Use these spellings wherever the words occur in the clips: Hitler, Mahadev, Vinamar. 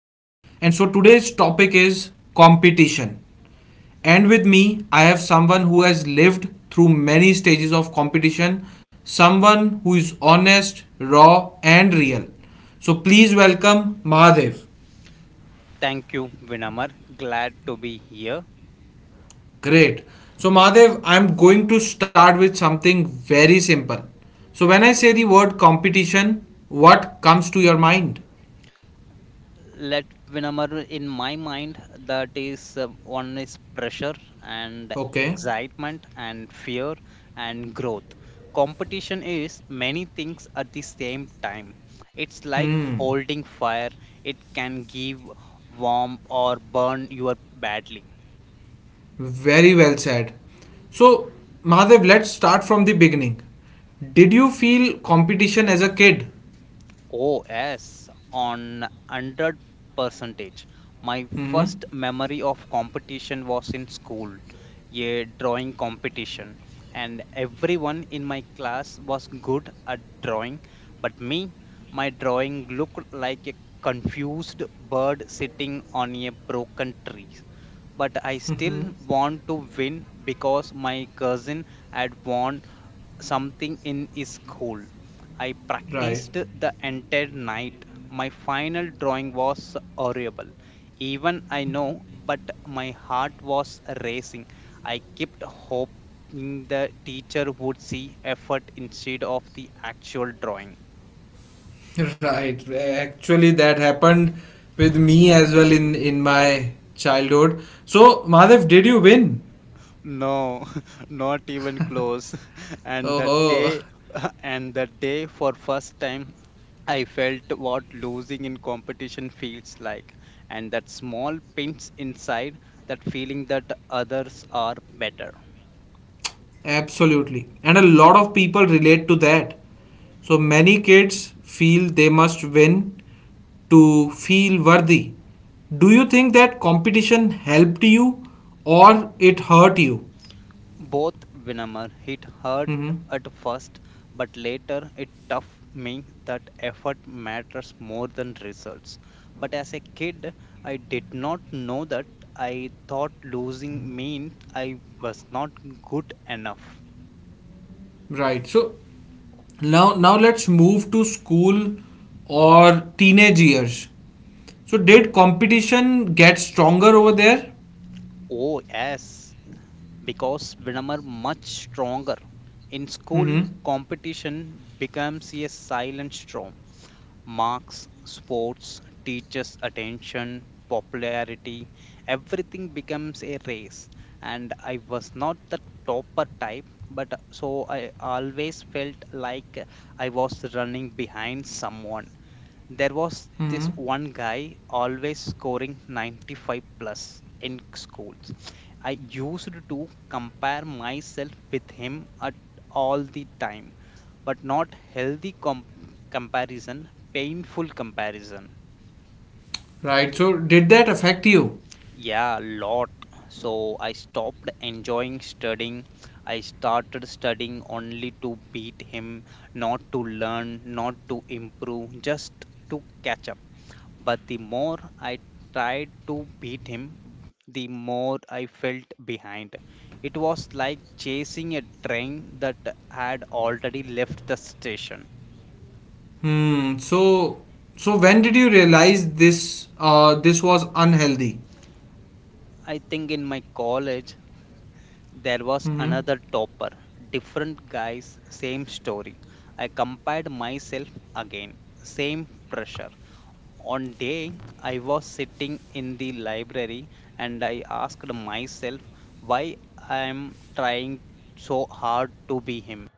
And so, today's topic is competition. And with me, I have someone who has lived through many stages of competition, someone who is honest, raw, and real. So please welcome Mahadev. Thank you, Vinamar. Glad to be here. Great. So, Mahadev, I'm going to start with something very simple. So, when I say the word competition, what comes to your mind? Let Vinamar, in my mind, that is one is pressure and Okay. excitement and fear and growth. Competition is many things at the same time. It's like Hmm. holding fire, it can give warm or burn you badly. Very well said. So, Mahadev, let's start from the beginning. Did you feel competition as a kid? Oh, yes, on 100 percentage. My Hmm. first memory of competition was in school, a drawing competition, and everyone in my class was good at drawing, but me, my drawing looked like a confused bird sitting on a broken tree. But I Mhm. still want to win because my cousin had won something in his school. I Right, practiced the entire night. My final drawing was horrible. Even I know, but my heart was racing. I kept hoping the teacher would see effort instead of the actual drawing. right. Actually, that happened with me as well in my childhood. So, Madhav, did you win? No, not even close. And that Oh, day, and that day for first time, I felt what losing in competition feels like, and that small pinch inside, that feeling that others are better. absolutely. And a lot of people relate to that. So many kids feel they must win to feel worthy. Do you think that competition helped you or it hurt you? Both Winamar hit hard Hmm. at first, but later it taught me that effort matters more than results. But as a kid, I did not know that. I thought losing meant I was not good enough. Right. So now let's move to school or teenage years. So, did competition get stronger over there? Oh, yes, because Winamar much stronger. In school, Mm-hmm. competition becomes a silent storm. Marks, sports, teachers' attention, popularity, everything becomes a race. And I was not the topper type, but so I always felt like I was running behind someone. There was Mm-hmm. this one guy always scoring 95 plus in schools. I used to compare myself with him at all the time, but not healthy comparison, painful comparison. Right. So, did that affect you? Yeah, lot. So I stopped enjoying studying. I started studying only to beat him, not to learn, not to improve, just to catch up. But the more I tried to beat him, the more I felt behind. It was like chasing a train that had already left the station. Hmm. So, when did you realize this? This was unhealthy. I think in my college there was Mm-hmm. another topper, different guys, same story. I compared myself again, same pressure. On day, I was sitting in the library and I asked myself why I am trying so hard to be him.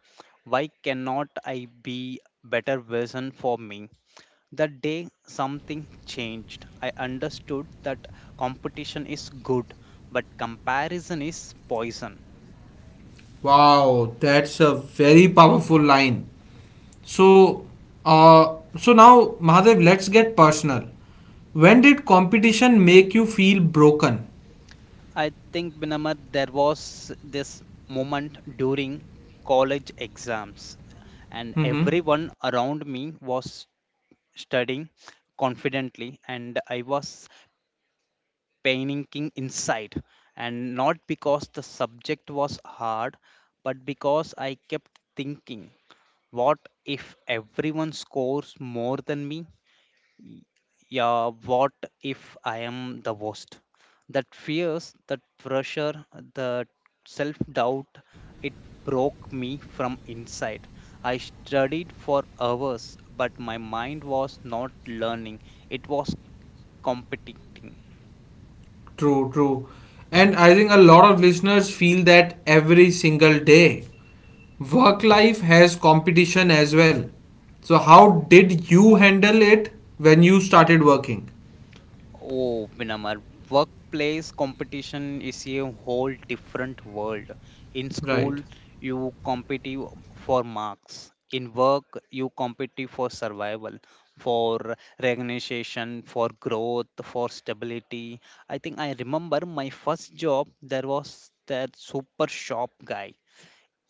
Why cannot I be better version for me? That day something changed. I understood that competition is good, but comparison is poison. Wow, that's a very powerful line. So, so now, Mahadev, let's get personal. When did competition make you feel broken? I think Binamar, there was this moment during college exams, and Mm-hmm. everyone around me was studying confidently, and I was panicking inside. And not because the subject was hard, but because I kept thinking, what if everyone scores more than me? Yeah, what if I am the worst? That fears, that pressure, that self doubt, it broke me from inside. I studied for hours, but my mind was not learning, it was competing. True, true. And I think a lot of listeners feel that every single day. Work life has competition as well. So, how did you handle it when you started working? Oh, Binamar, workplace competition is a whole different world. In Right. school, you compete for marks. In work, you compete for survival, for recognition, for growth, for stability. I think I remember my first job, there was that super shop guy.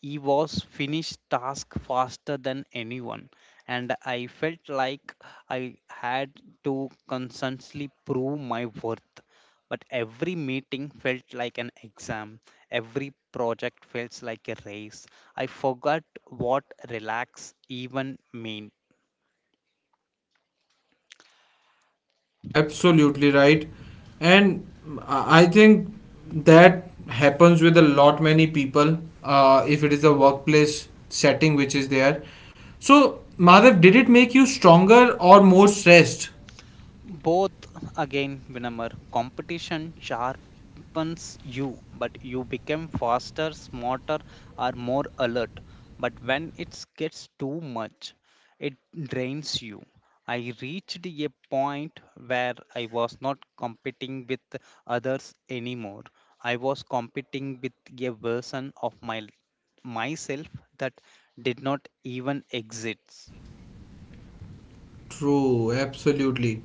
He was finished task faster than anyone, and I felt like I had to constantly prove my worth. But every meeting felt like an exam, every project felt like a race. I forgot what relax even mean. Absolutely right. And I think that happens with a lot many people if it is a workplace setting which is there. So, Madhav, did it make you stronger or more stressed? Both again, Vinamar, competition sharpens you, but you become faster, smarter, or more alert. But when it gets too much, it drains you. I reached a point where I was not competing with others anymore. I was competing with a version of my myself that did not even exist. True, absolutely.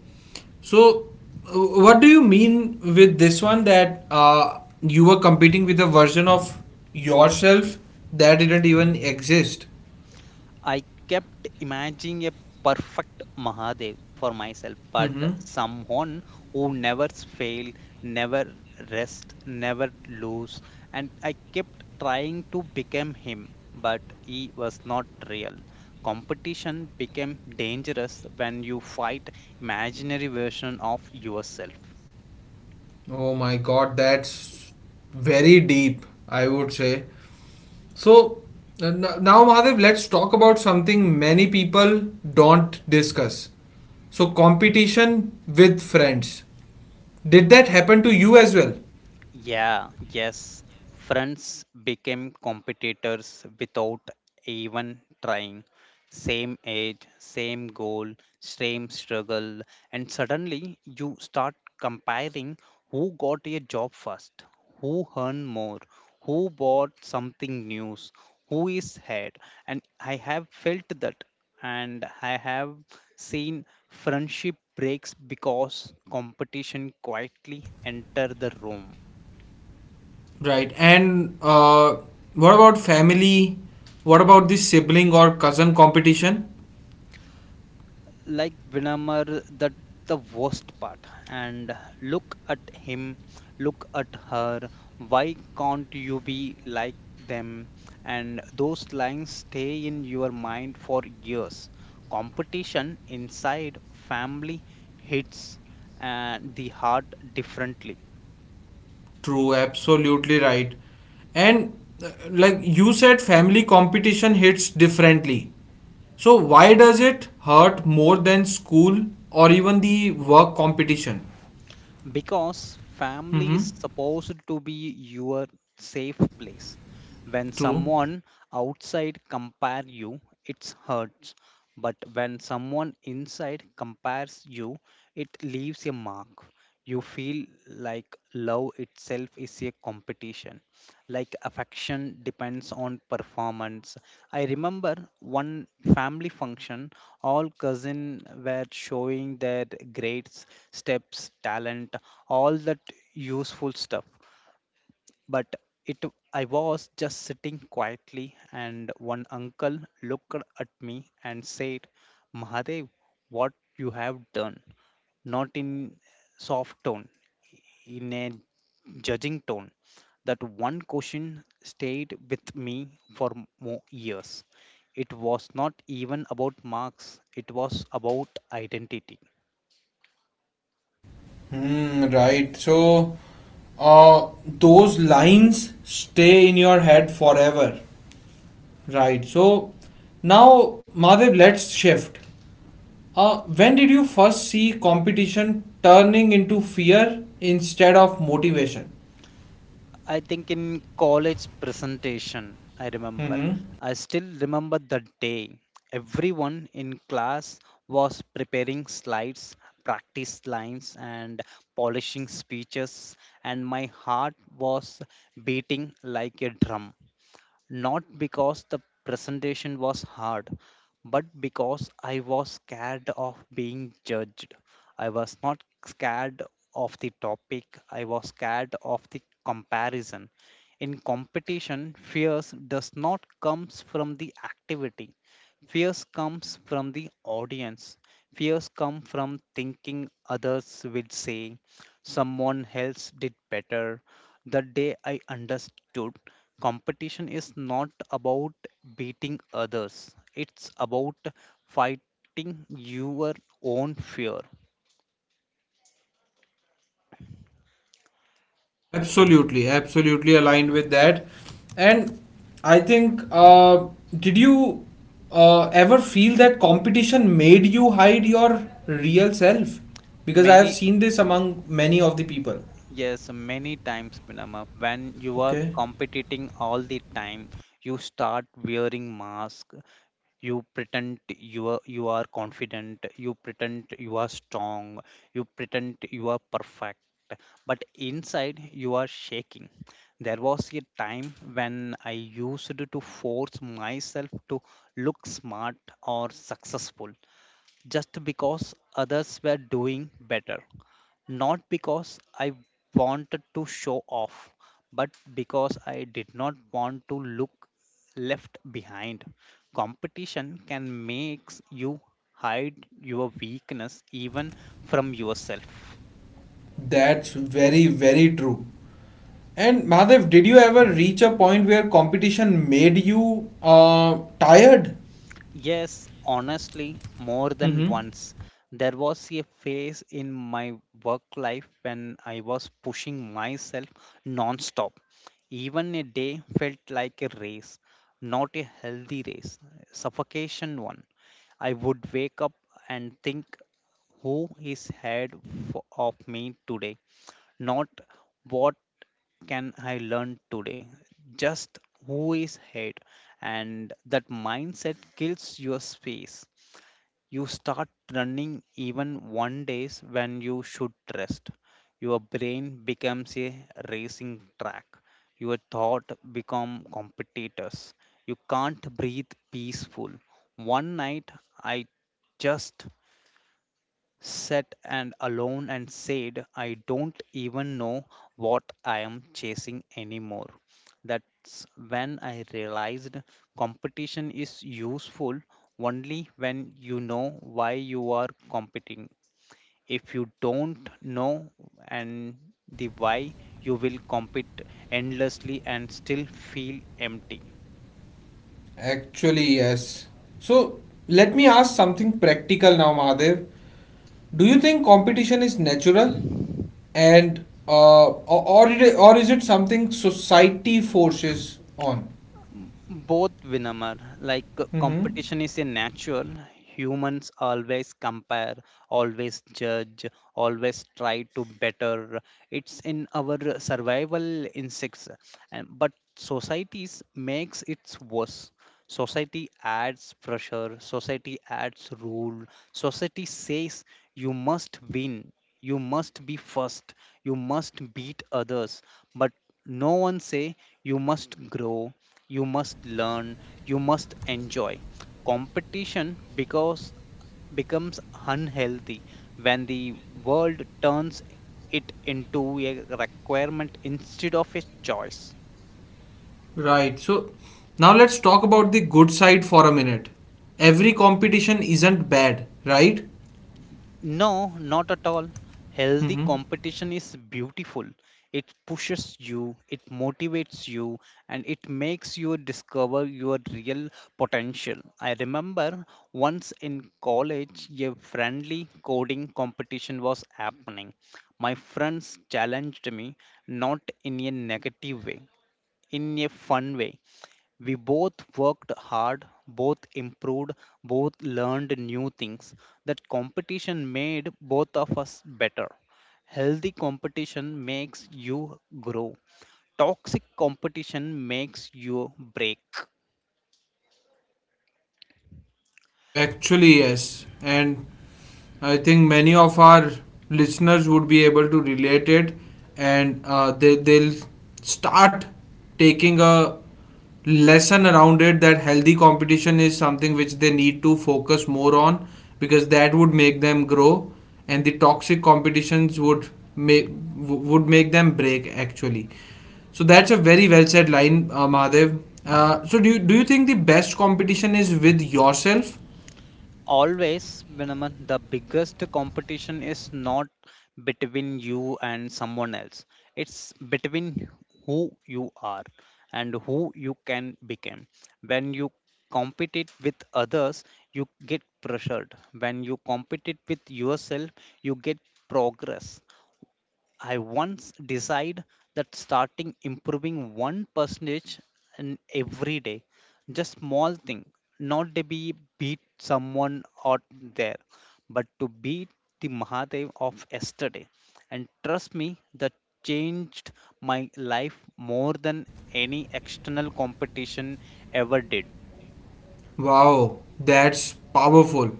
So, uh, what do you mean with this one that you were competing with a version of yourself that didn't even exist? I kept imagining a perfect Mahadev for myself, but Mm-hmm. someone who never fails, never rests, never lose. And I kept trying to become him, but he was not real. Competition became dangerous when you fight imaginary version of yourself. Oh my God, that's very deep, I would say. So, now, Madhav, let's talk about something many people don't discuss. So, competition with friends. Did that happen to you as well? Yeah, yes. Friends became competitors without even trying. Same age, same goal, same struggle, and suddenly you start comparing who got a job first, who earned more, who bought something new, who is ahead. And I have felt that, and I have seen friendship breaks because competition quietly enter the room. Right. And what about family? What about the sibling or cousin competition? Like Vinamar, that the worst part. And look at him, look at her. Why can't you be like them? And those lines stay in your mind for years. Competition inside family hits and the heart differently. True, absolutely right. And like you said, family competition hits differently. So why does it hurt more than school or even the work competition? Because family Hmm? is supposed to be your safe place. When True. someone outside compare you, it hurts, but when someone inside compares you, it leaves a mark. You feel like love itself is a competition, like affection depends on performance. I remember one family function, all cousins were showing their grades, steps, talent, all that useful stuff, but it, I was just sitting quietly and one uncle looked at me and said, Mahadev, what you have done, not in soft tone, in a judging tone. That one question stayed with me for more years. It was not even about marks, it was about identity. Hmm, right. So those lines stay in your head forever. Right. So now, Madhav, let's shift. When did you first see competition turning into fear instead of motivation? I think in college presentation, I remember. Mm-hmm. I still remember the day. Everyone in class was preparing slides, practice lines, and polishing speeches, and my heart was beating like a drum. Not because the presentation was hard, but because I was scared of being judged. I was not scared of the topic, I was scared of the comparison. In competition, fears does not comes from the activity. Fears comes from the audience. Fears come from thinking others will say someone else did better. The day I understood competition is not about beating others, it's about fighting your own fear. Absolutely, absolutely aligned with that. And I think, did you ever feel that competition made you hide your real self? Because I have Many, seen this among many of the people. yes, many times Binama, when you are Okay. competing all the time, you start wearing mask. You are confident, you pretend you are strong, you pretend you are perfect, but inside you are shaking. There was a time when I used to force myself to look smart or successful just because others were doing better, not because I wanted to show off, but because I did not want to look left behind. Competition can make you hide your weakness even from yourself. That's very, very true. And Madhav, did you ever reach a point where competition made you tired? Yes, honestly, more than Mm-hmm. once. There was a phase in my work life when I was pushing myself nonstop. Even a day felt like a race, not a healthy race, suffocation one. I would wake up and think, who is ahead of me today? Not what can I learn today, just who is ahead. And that mindset kills your space. You start running even one days when you should rest. Your brain becomes a racing track, your thought become competitors, you can't breathe peaceful. One night I just sat and alone and said, I don't even know what I am chasing anymore. That's when I realized competition is useful only when you know why you are competing. If you don't know and the why, you will compete endlessly and still feel empty. Actually, yes. So let me ask something practical now, Mahadev. Do you think competition is natural, and or is it something society forces on? Both Vinamar, Mm-hmm. competition is a natural. Humans always compare, always judge, always try to better. It's in our survival instincts. And, but societies makes it worse. Society adds pressure, society adds rule, society says you must win, you must be first, you must beat others. But no one say you must grow, you must learn, you must enjoy competition, because becomes unhealthy when the world turns it into a requirement instead of a choice. Right. So now let's talk about the good side for a minute. Every competition isn't bad, right? No, not at all. Healthy competition is beautiful. It pushes you, it motivates you, and it makes you discover your real potential. I remember once in college, a friendly coding competition was happening. My friends challenged me, not in a negative way, in a fun way. We both worked hard, both improved, both learned new things. That competition made both of us better. Healthy competition makes you grow, toxic competition makes you break. Actually, yes. And I think many of our listeners would be able to relate it and they'll start taking a lesson around it that healthy competition is something which they need to focus more on because that would make them grow and the toxic competitions make would make them break actually. So that's a very well said line, Madhav. So do you think the best competition is with yourself? Always, Vinaman, the biggest competition is not between you and someone else. It's between who you are and who you can become. When you compete it with others, you get pressured. When you compete it with yourself, you get progress. I once decide that starting improving one percentage in every day, just small thing, not to be beat someone out there, but to beat the Mahadev of yesterday. And trust me, that changed my life more than any external competition ever did. Wow, that's powerful.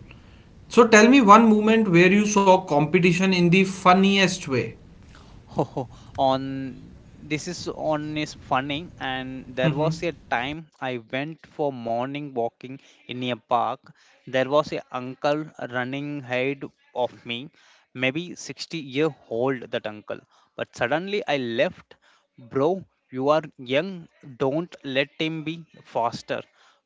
So tell me one moment where you saw competition in the funniest way. on this is on is funny, and there was a time I went for morning walking in a park. There was a uncle running ahead of me, maybe 60-year-old that uncle. But suddenly I left, bro, you are young, don't let him be faster.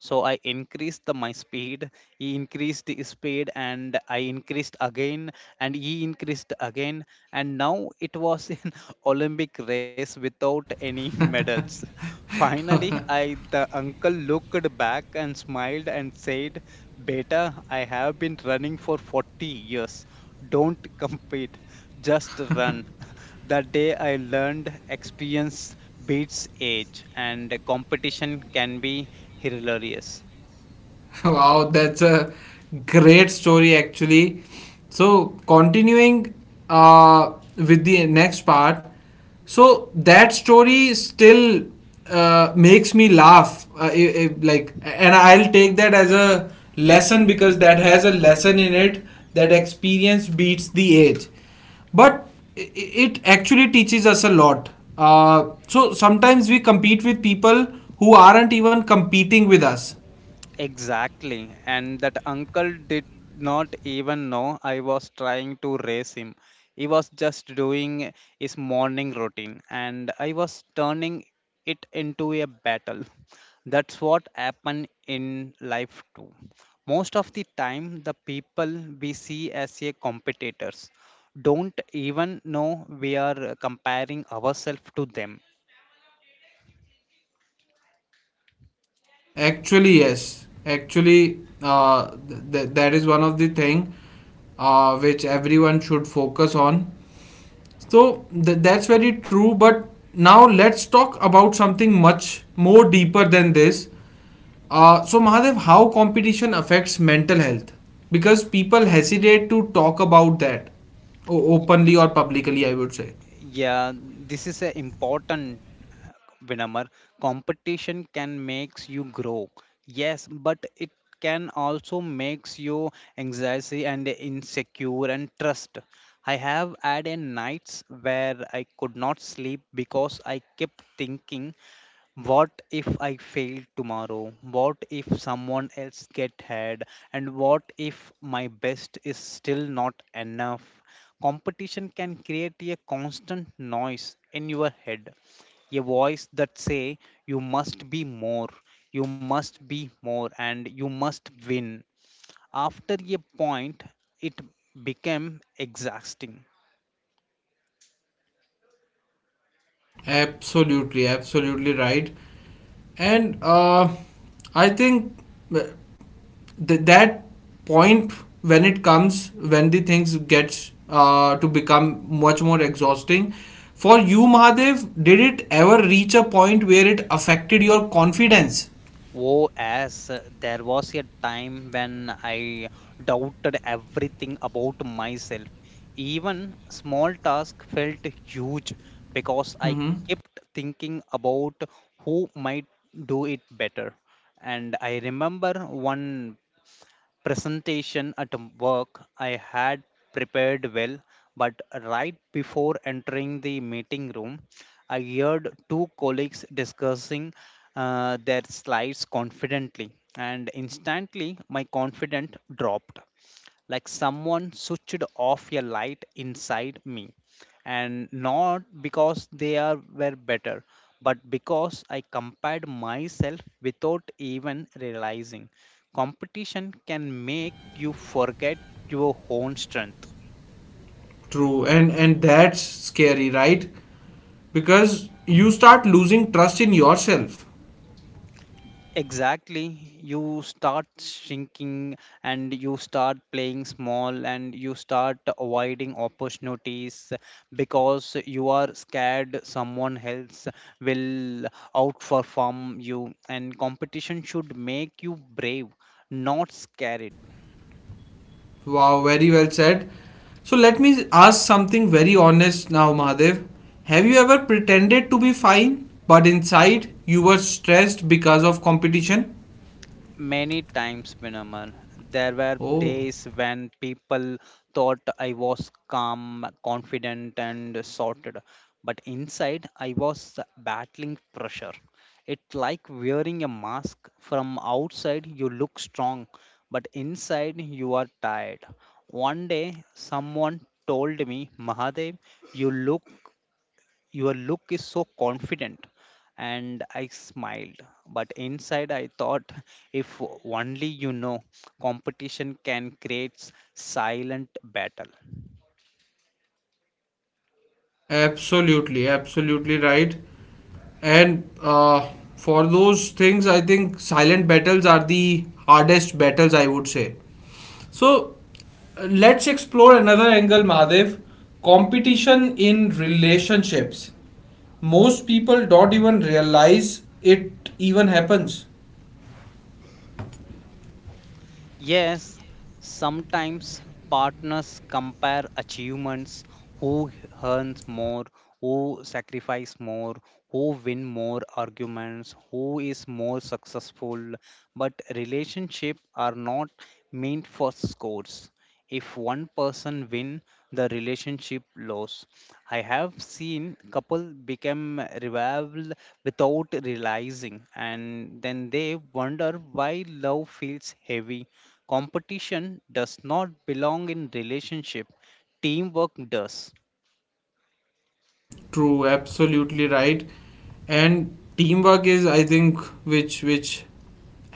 So I increased the, my speed, he increased his speed, and I increased again, and he increased again, and now it was an olympic race without any medals. Finally I, the uncle looked back and smiled and said, beta, I have been running for 40 years, don't compete, just run. the day I learned experience beats age and competition can be hilarious. Wow, that's a great story actually. So, continuing with the next part, so that story still makes me laugh. I like, and I'll take that as a lesson because that has a lesson in it that experience beats the age. But it actually teaches us a lot. So sometimes we compete with people who aren't even competing with us. Exactly. And that uncle did not even know I was trying to raise him. He was just doing his morning routine, and I was turning it into a battle. That's what happened in life too. Most of the time, the people we see as a competitors don't even know we are comparing ourselves to them. Actually, yes. Actually, that is one of the thing which everyone should focus on. So that's very true. But now let's talk about something much more deeper than this. So, Mahadev, how competition affects mental health? Because people hesitate to talk about that Y- openly or publicly, I would say. Yeah, this is a important Vinamar. Competition can makes you grow. Yes, but it can also makes you anxiety and insecure and trust. I have had a nights where I could not sleep because I kept thinking, what if I fail tomorrow? What if someone else get ahead? And what if my best is still not enough? Competition can create a constant noise in your head, a voice that say you must be more, and you must win. After a point, it became exhausting. Absolutely, absolutely right. And I think uh, that point when it comes, when the things gets to become much more exhausting for you, Mahadev, did it ever reach a point where it affected your confidence? Oh, as there was a time when I doubted everything about myself. Even small tasks felt huge because I Mm-hmm. kept thinking about who might do it better. And I remember one presentation at work. I had prepared well, but right before entering the meeting room, I heard two colleagues discussing their slides confidently, and instantly my confidence dropped like someone switched off a light inside me. And not because they are were better, but because I compared myself without even realizing. Competition can make you forget your own strength. True. And that's scary, right? Because you start losing trust in yourself. Exactly. You start shrinking and you start playing small and you start avoiding opportunities because you are scared someone else will outperform you. And competition should make you brave, not scared. Wow, very well said. So let me ask something very honest now, Mahadev. Have you ever pretended to be fine but inside you were stressed because of competition? Many times, Minaman, there were Oh, days when people thought I was calm, confident, and sorted. But inside, I was battling pressure. It's like wearing a mask. From outside, you look strong, but inside, you are tired. One day, someone told me, Mahadev, you look your look is so confident. And I smiled. But inside, I thought, if only you know, competition can create silent battle. absolutely, absolutely right. And for those things, I think silent battles are the hardest battles, I would say. So let's explore another angle, Mahadev, competition in relationships. Most people don't even realize it even happens. Yes, sometimes partners compare achievements: who earns more, who sacrifice more, who win more arguments, who is more successful. But relationships are not meant for scores. If one person win, the relationship lose. I have seen couple become rival without realizing, and then they wonder why love feels heavy. Competition does not belong in relationship, teamwork does. True, absolutely right. And teamwork is, I think, which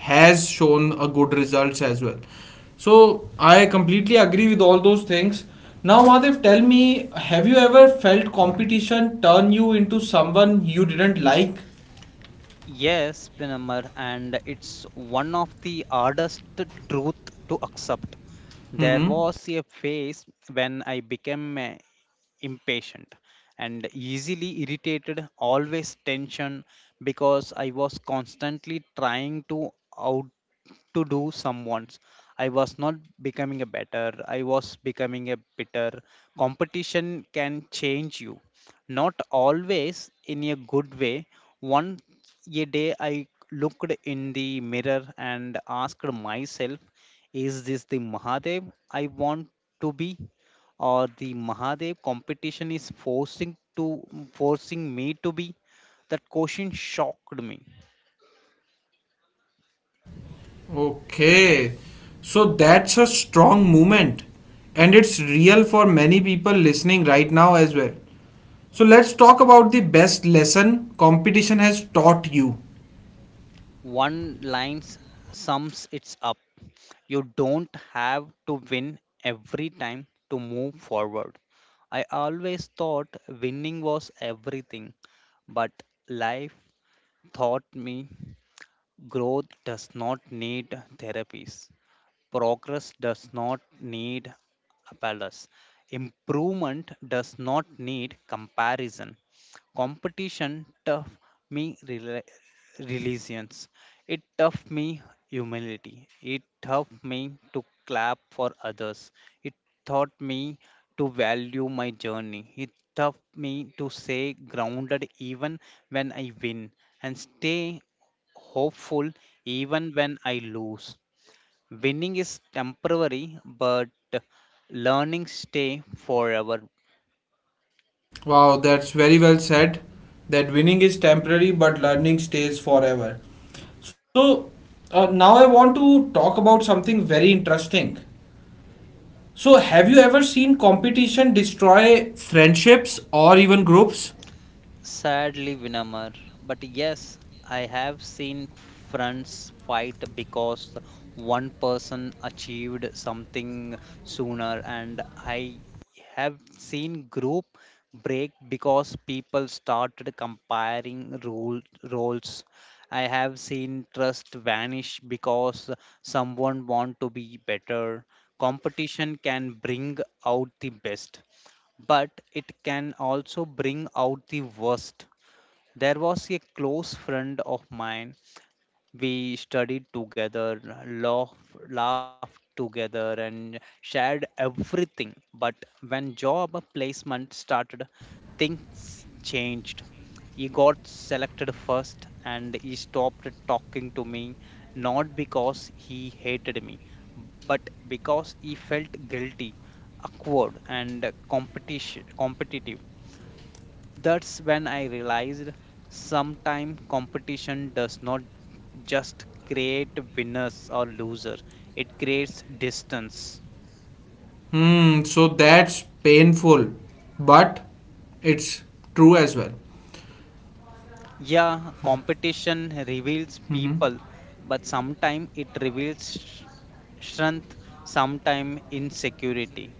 has shown a good results as well. So I completely agree with all those things. Now, Madhav, tell me, have you ever felt competition turn you into someone you didn't like? Yes, Pinamar, and it's one of the hardest truth to accept. There Mm-hmm. was a phase when I became impatient and easily irritated, always tension, because I was constantly trying to out to do someone's. I was not becoming a better, I was becoming a bitter. Competition can change you, not always in a good way. One a day I looked in the mirror and asked myself, is this the Mahadev I want to be? Or the Mahadev competition is forcing me to be? That question shocked me. Okay. So that's a strong movement. And it's real for many people listening right now as well. So let's talk about the best lesson competition has taught you. One line sums it up. You don't have to win every time to move forward. I always thought winning was everything, but life taught me growth does not need therapies. Progress does not need a palace. Improvement does not need comparison. Competition tough me religions. It tough me humility. It tough me to clap for others. It taught me to value my journey. It taught me to stay grounded even when I win and stay hopeful even when I lose. Winning is temporary, but learning stay forever. Wow, that's very well said. That winning is temporary, but learning stays forever. So now I want to talk about something very interesting. So have you ever seen competition destroy friendships or even groups? Sadly, Vinamar, but yes, I have seen friends fight because one person achieved something sooner, and I have seen group break because people started comparing roles. I have seen trust vanish because someone want to be better. Competition can bring out the best, but it can also bring out the worst. There was a close friend of mine. We studied together, laugh, laughed together, and shared everything. But when job placement started, things changed. He got selected first, and he stopped talking to me, not because he hated me, but because he felt guilty, awkward, and competition competitive. That's when I realized sometimes competition does not just create winners or losers, it creates distance. Hmm, so that's painful, but it's true as well. Yeah, competition reveals Mm-hmm. people, but sometimes it reveals strength, sometimes insecurity.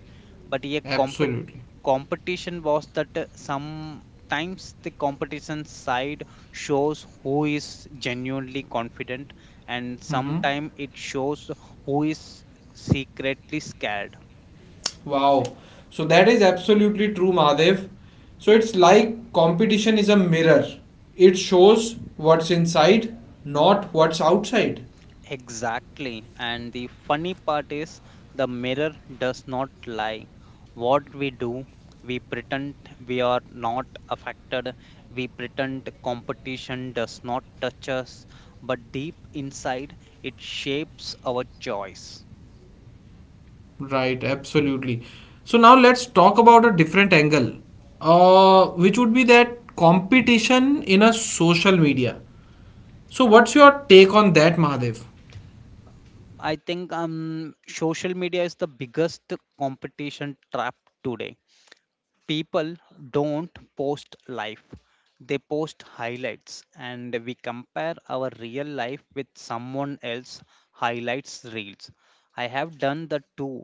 But yeah, Absolutely. competition was that sometimes the competition side shows who is genuinely confident, and Mm-hmm. sometimes it shows who is secretly scared. Wow. So that is absolutely true, Mahadev. So it's like competition is a mirror. It shows what's inside, not what's outside. Exactly. And the funny part is the mirror does not lie. What we do, we pretend we are not affected. We pretend competition does not touch us. But deep inside, it shapes our choice. Right, absolutely. So now let's talk about a different angle, which would be that competition in a social media. So what's your take on that, Mahadev? I think social media is the biggest competition trap today. People don't post life, they post highlights, and we compare our real life with someone else highlights reels. I have done the two.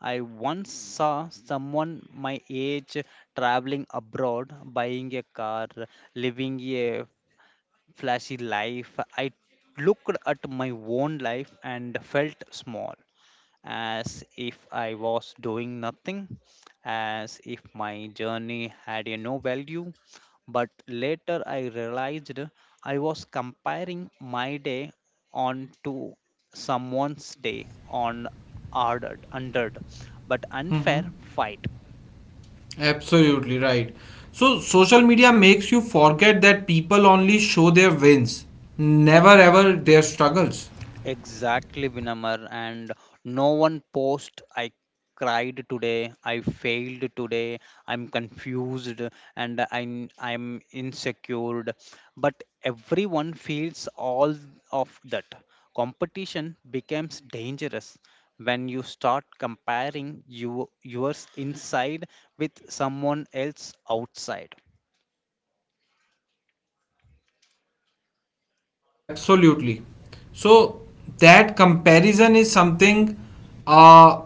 I once saw someone my age traveling abroad, buying a car, living a flashy life. I looked at my own life and felt small, as if I was doing nothing, as if my journey had a no value. But later I realized I was comparing my day on to someone's day on ordered, undead, but Mm-hmm. unfair fight. Absolutely right. So social media makes you forget that people only show their wins, never ever their struggles. Exactly, Vinamar. And no one post, I cried today, I failed today, I'm confused, and I'm insecure. But everyone feels all of that. Competition becomes dangerous when you start comparing you, yours inside with someone else outside. Absolutely. So that comparison is something uh,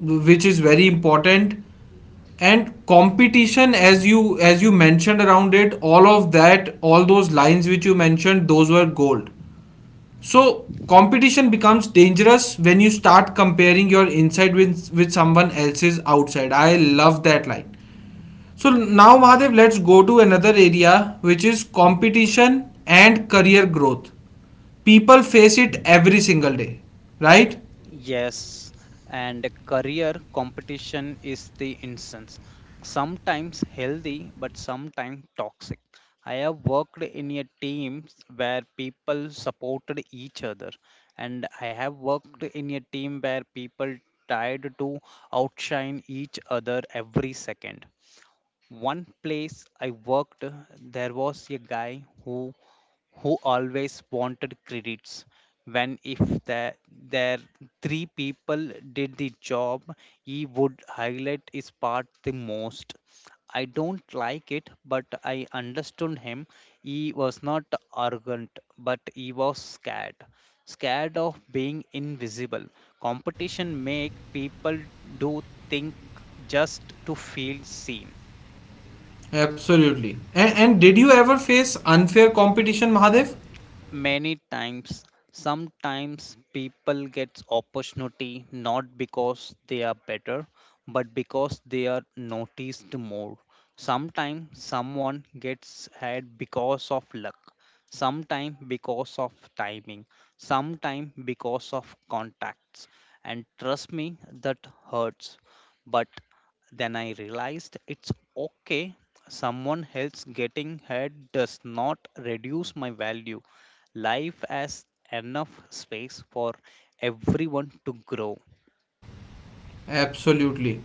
which is very important. And competition, as you mentioned around it, all of that, all those lines which you mentioned, those were gold. So competition becomes dangerous when you start comparing your inside with someone else's outside. I love that line. So now, Mahadev, let's go to another area, which is competition and career growth. People face it every single day, right? Yes, and career competition is the instance. Sometimes healthy, but sometimes toxic. I have worked in a team where people supported each other, and I have worked in a team where people tried to outshine each other every second. One place I worked, there was a guy who always wanted credits when if the, there three people did the job, he would highlight his part the most. I don't like it, but I understood him. He was not arrogant, but he was scared, scared of being invisible. Competition make people do think just to feel seen. Absolutely. And did you ever face unfair competition, Mahadev? Many times, sometimes people get opportunity not because they are better, but because they are noticed more. Sometimes someone gets hired because of luck, sometimes because of timing, sometimes because of contacts. And trust me, that hurts. But then I realized it's okay. Someone else getting head does not reduce my value. Life has enough space for everyone to grow. Absolutely.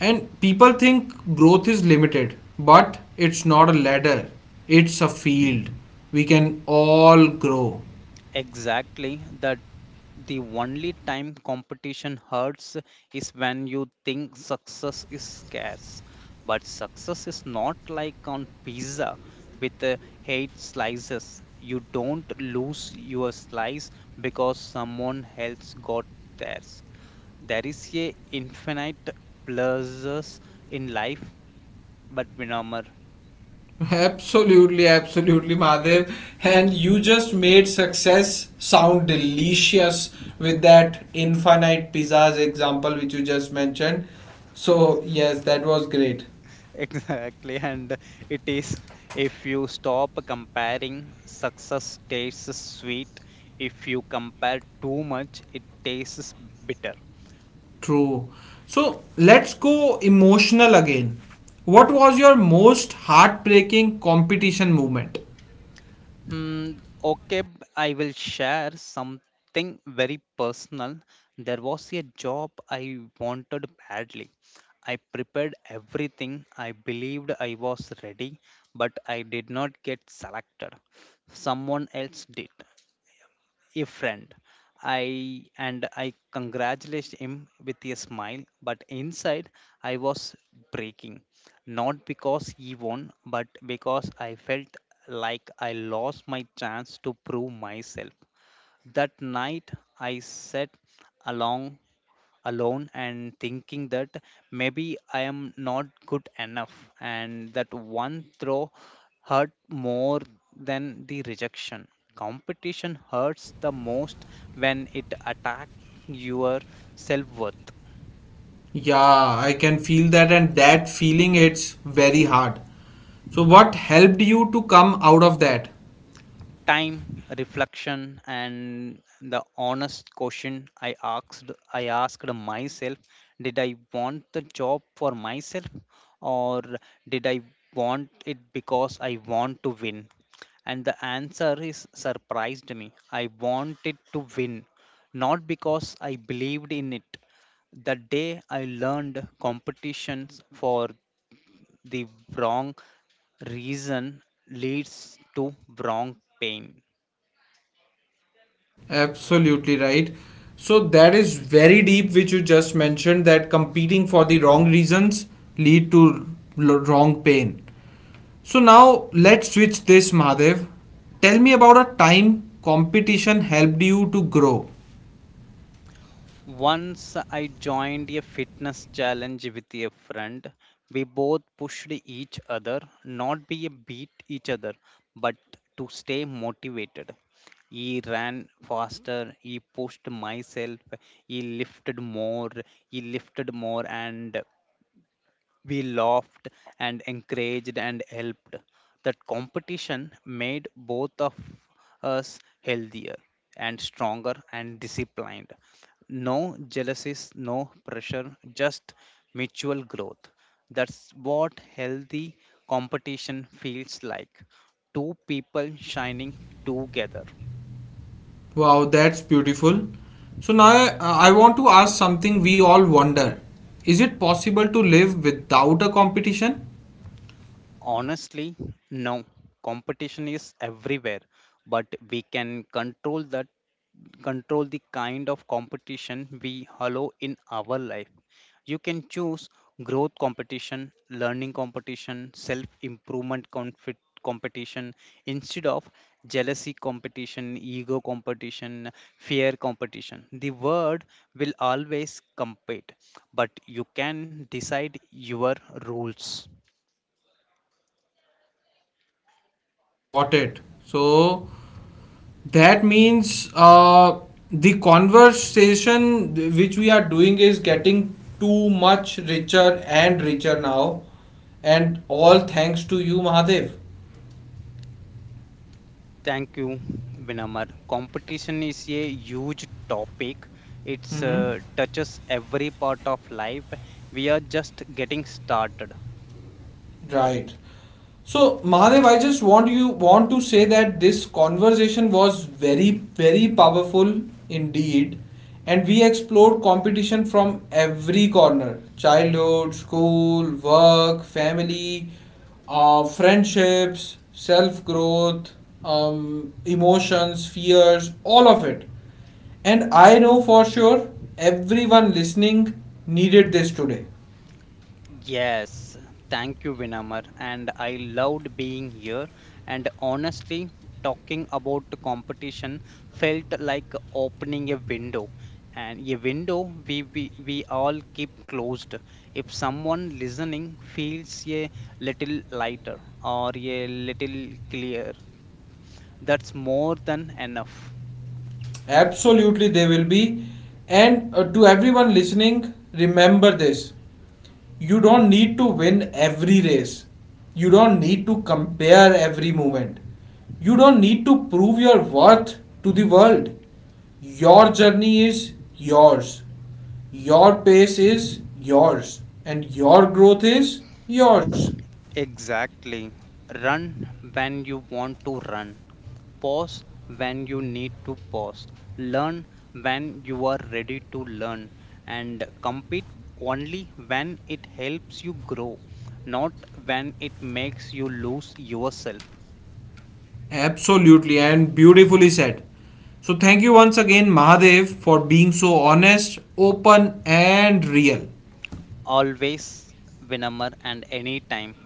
And people think growth is limited, but it's not a ladder, it's a field. We can all grow. Exactly that the only time competition hurts is when you think success is scarce. But success is not like on pizza with eight slices. You don't lose your slice because someone else got theirs. There is a infinite pleasures in life, but remember, Absolutely, absolutely, Mahadev. And you just made success sound delicious with that infinite pizzas example which you just mentioned. So yes, that was great. exactly, and it is if you stop comparing, success tastes sweet. If you compare too much, it tastes bitter. True. So let's go emotional again. What was your most heartbreaking competition moment? Hmm, okay, I will share something very personal. There was a job I wanted badly. I prepared everything. I believed I was ready, but I did not get selected. Someone else did. A friend. I congratulated him with a smile, but inside I was breaking. Not because he won, but because I felt like I lost my chance to prove myself. That night I sat alone alone and thinking that maybe I am not good enough, and that one throw hurt more than the rejection. Competition hurts the most when it attacks your self worth. Yeah, I can feel that, and that feeling it's very hard. So, what helped you to come out of that? Time, reflection, and the honest question I asked myself, did I want the job for myself, or did I want it because I want to win? And the answer is surprised me. I wanted to win, not because I believed in it. The day I learned competitions for the wrong reason leads to wrong pain. Absolutely right. So, that is very deep, which you just mentioned that competing for the wrong reasons lead to wrong pain. So now let's switch this, Mahadev. Tell me about a time competition helped you to grow. Once I joined a fitness challenge with a friend. We both pushed each other, not be beat each other, but to stay motivated. He ran faster, he pushed myself, he lifted more, he lifted more, and we laughed and encouraged and helped. That competition made both of us healthier and stronger and disciplined. No jealousies, no pressure, just mutual growth. That's what healthy competition feels like. Two people shining together. Wow, that's beautiful. So now I want to ask something we all wonder. Is it possible to live without a competition? Honestly, no. Competition is everywhere, but we can control the kind of competition we allow in our life. You can choose growth competition, learning competition, self improvement confit competition instead of jealousy competition, ego competition, fear competition. The world will always compete, but you can decide your rules. Got it. So that means the conversation which we are doing is getting too much richer and richer now. And all thanks to you, Mahadev. Thank you, Vinamar. Competition is a huge topic. It Hmm. Touches every part of life. We are just getting started. Right. So Mahadev, I just want you want to say that this conversation was very powerful indeed, and we explored competition from every corner: childhood, school, work, family, friendships, self growth, emotions, fears, all of it. And I know for sure everyone listening needed this today. Yes, thank you, Vinamar. And I loved being here. And honestly, talking about the competition felt like opening a window. And a window we all keep closed. If someone listening feels a little lighter or a little clear, that's more than enough. Absolutely, they will be. And to everyone listening, remember this, you don't need to win every race, you don't need to compare every moment, you don't need to prove your worth to the world. Your journey is yours, your pace is yours, and your growth is yours. Exactly. Run when you want to run. Pause when you need to pause. Learn when you are ready to learn. And compete only when it helps you grow, not when it makes you lose yourself. Absolutely, and beautifully said. So, thank you once again, Mahadev, for being so honest, open, and real. Always, Vinamar, and anytime.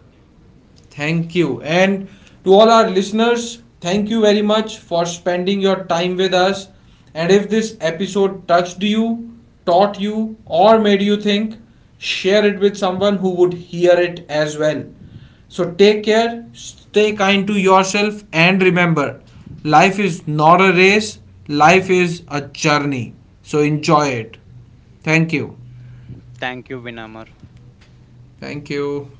Thank you. And to all our listeners, thank you very much for spending your time with us. And if this episode touched you, taught you, or made you think, share it with someone who would hear it as well. So take care, stay kind to yourself, and remember life is not a race, life is a journey. So enjoy it. Thank you. Thank you, Vinamar. Thank you.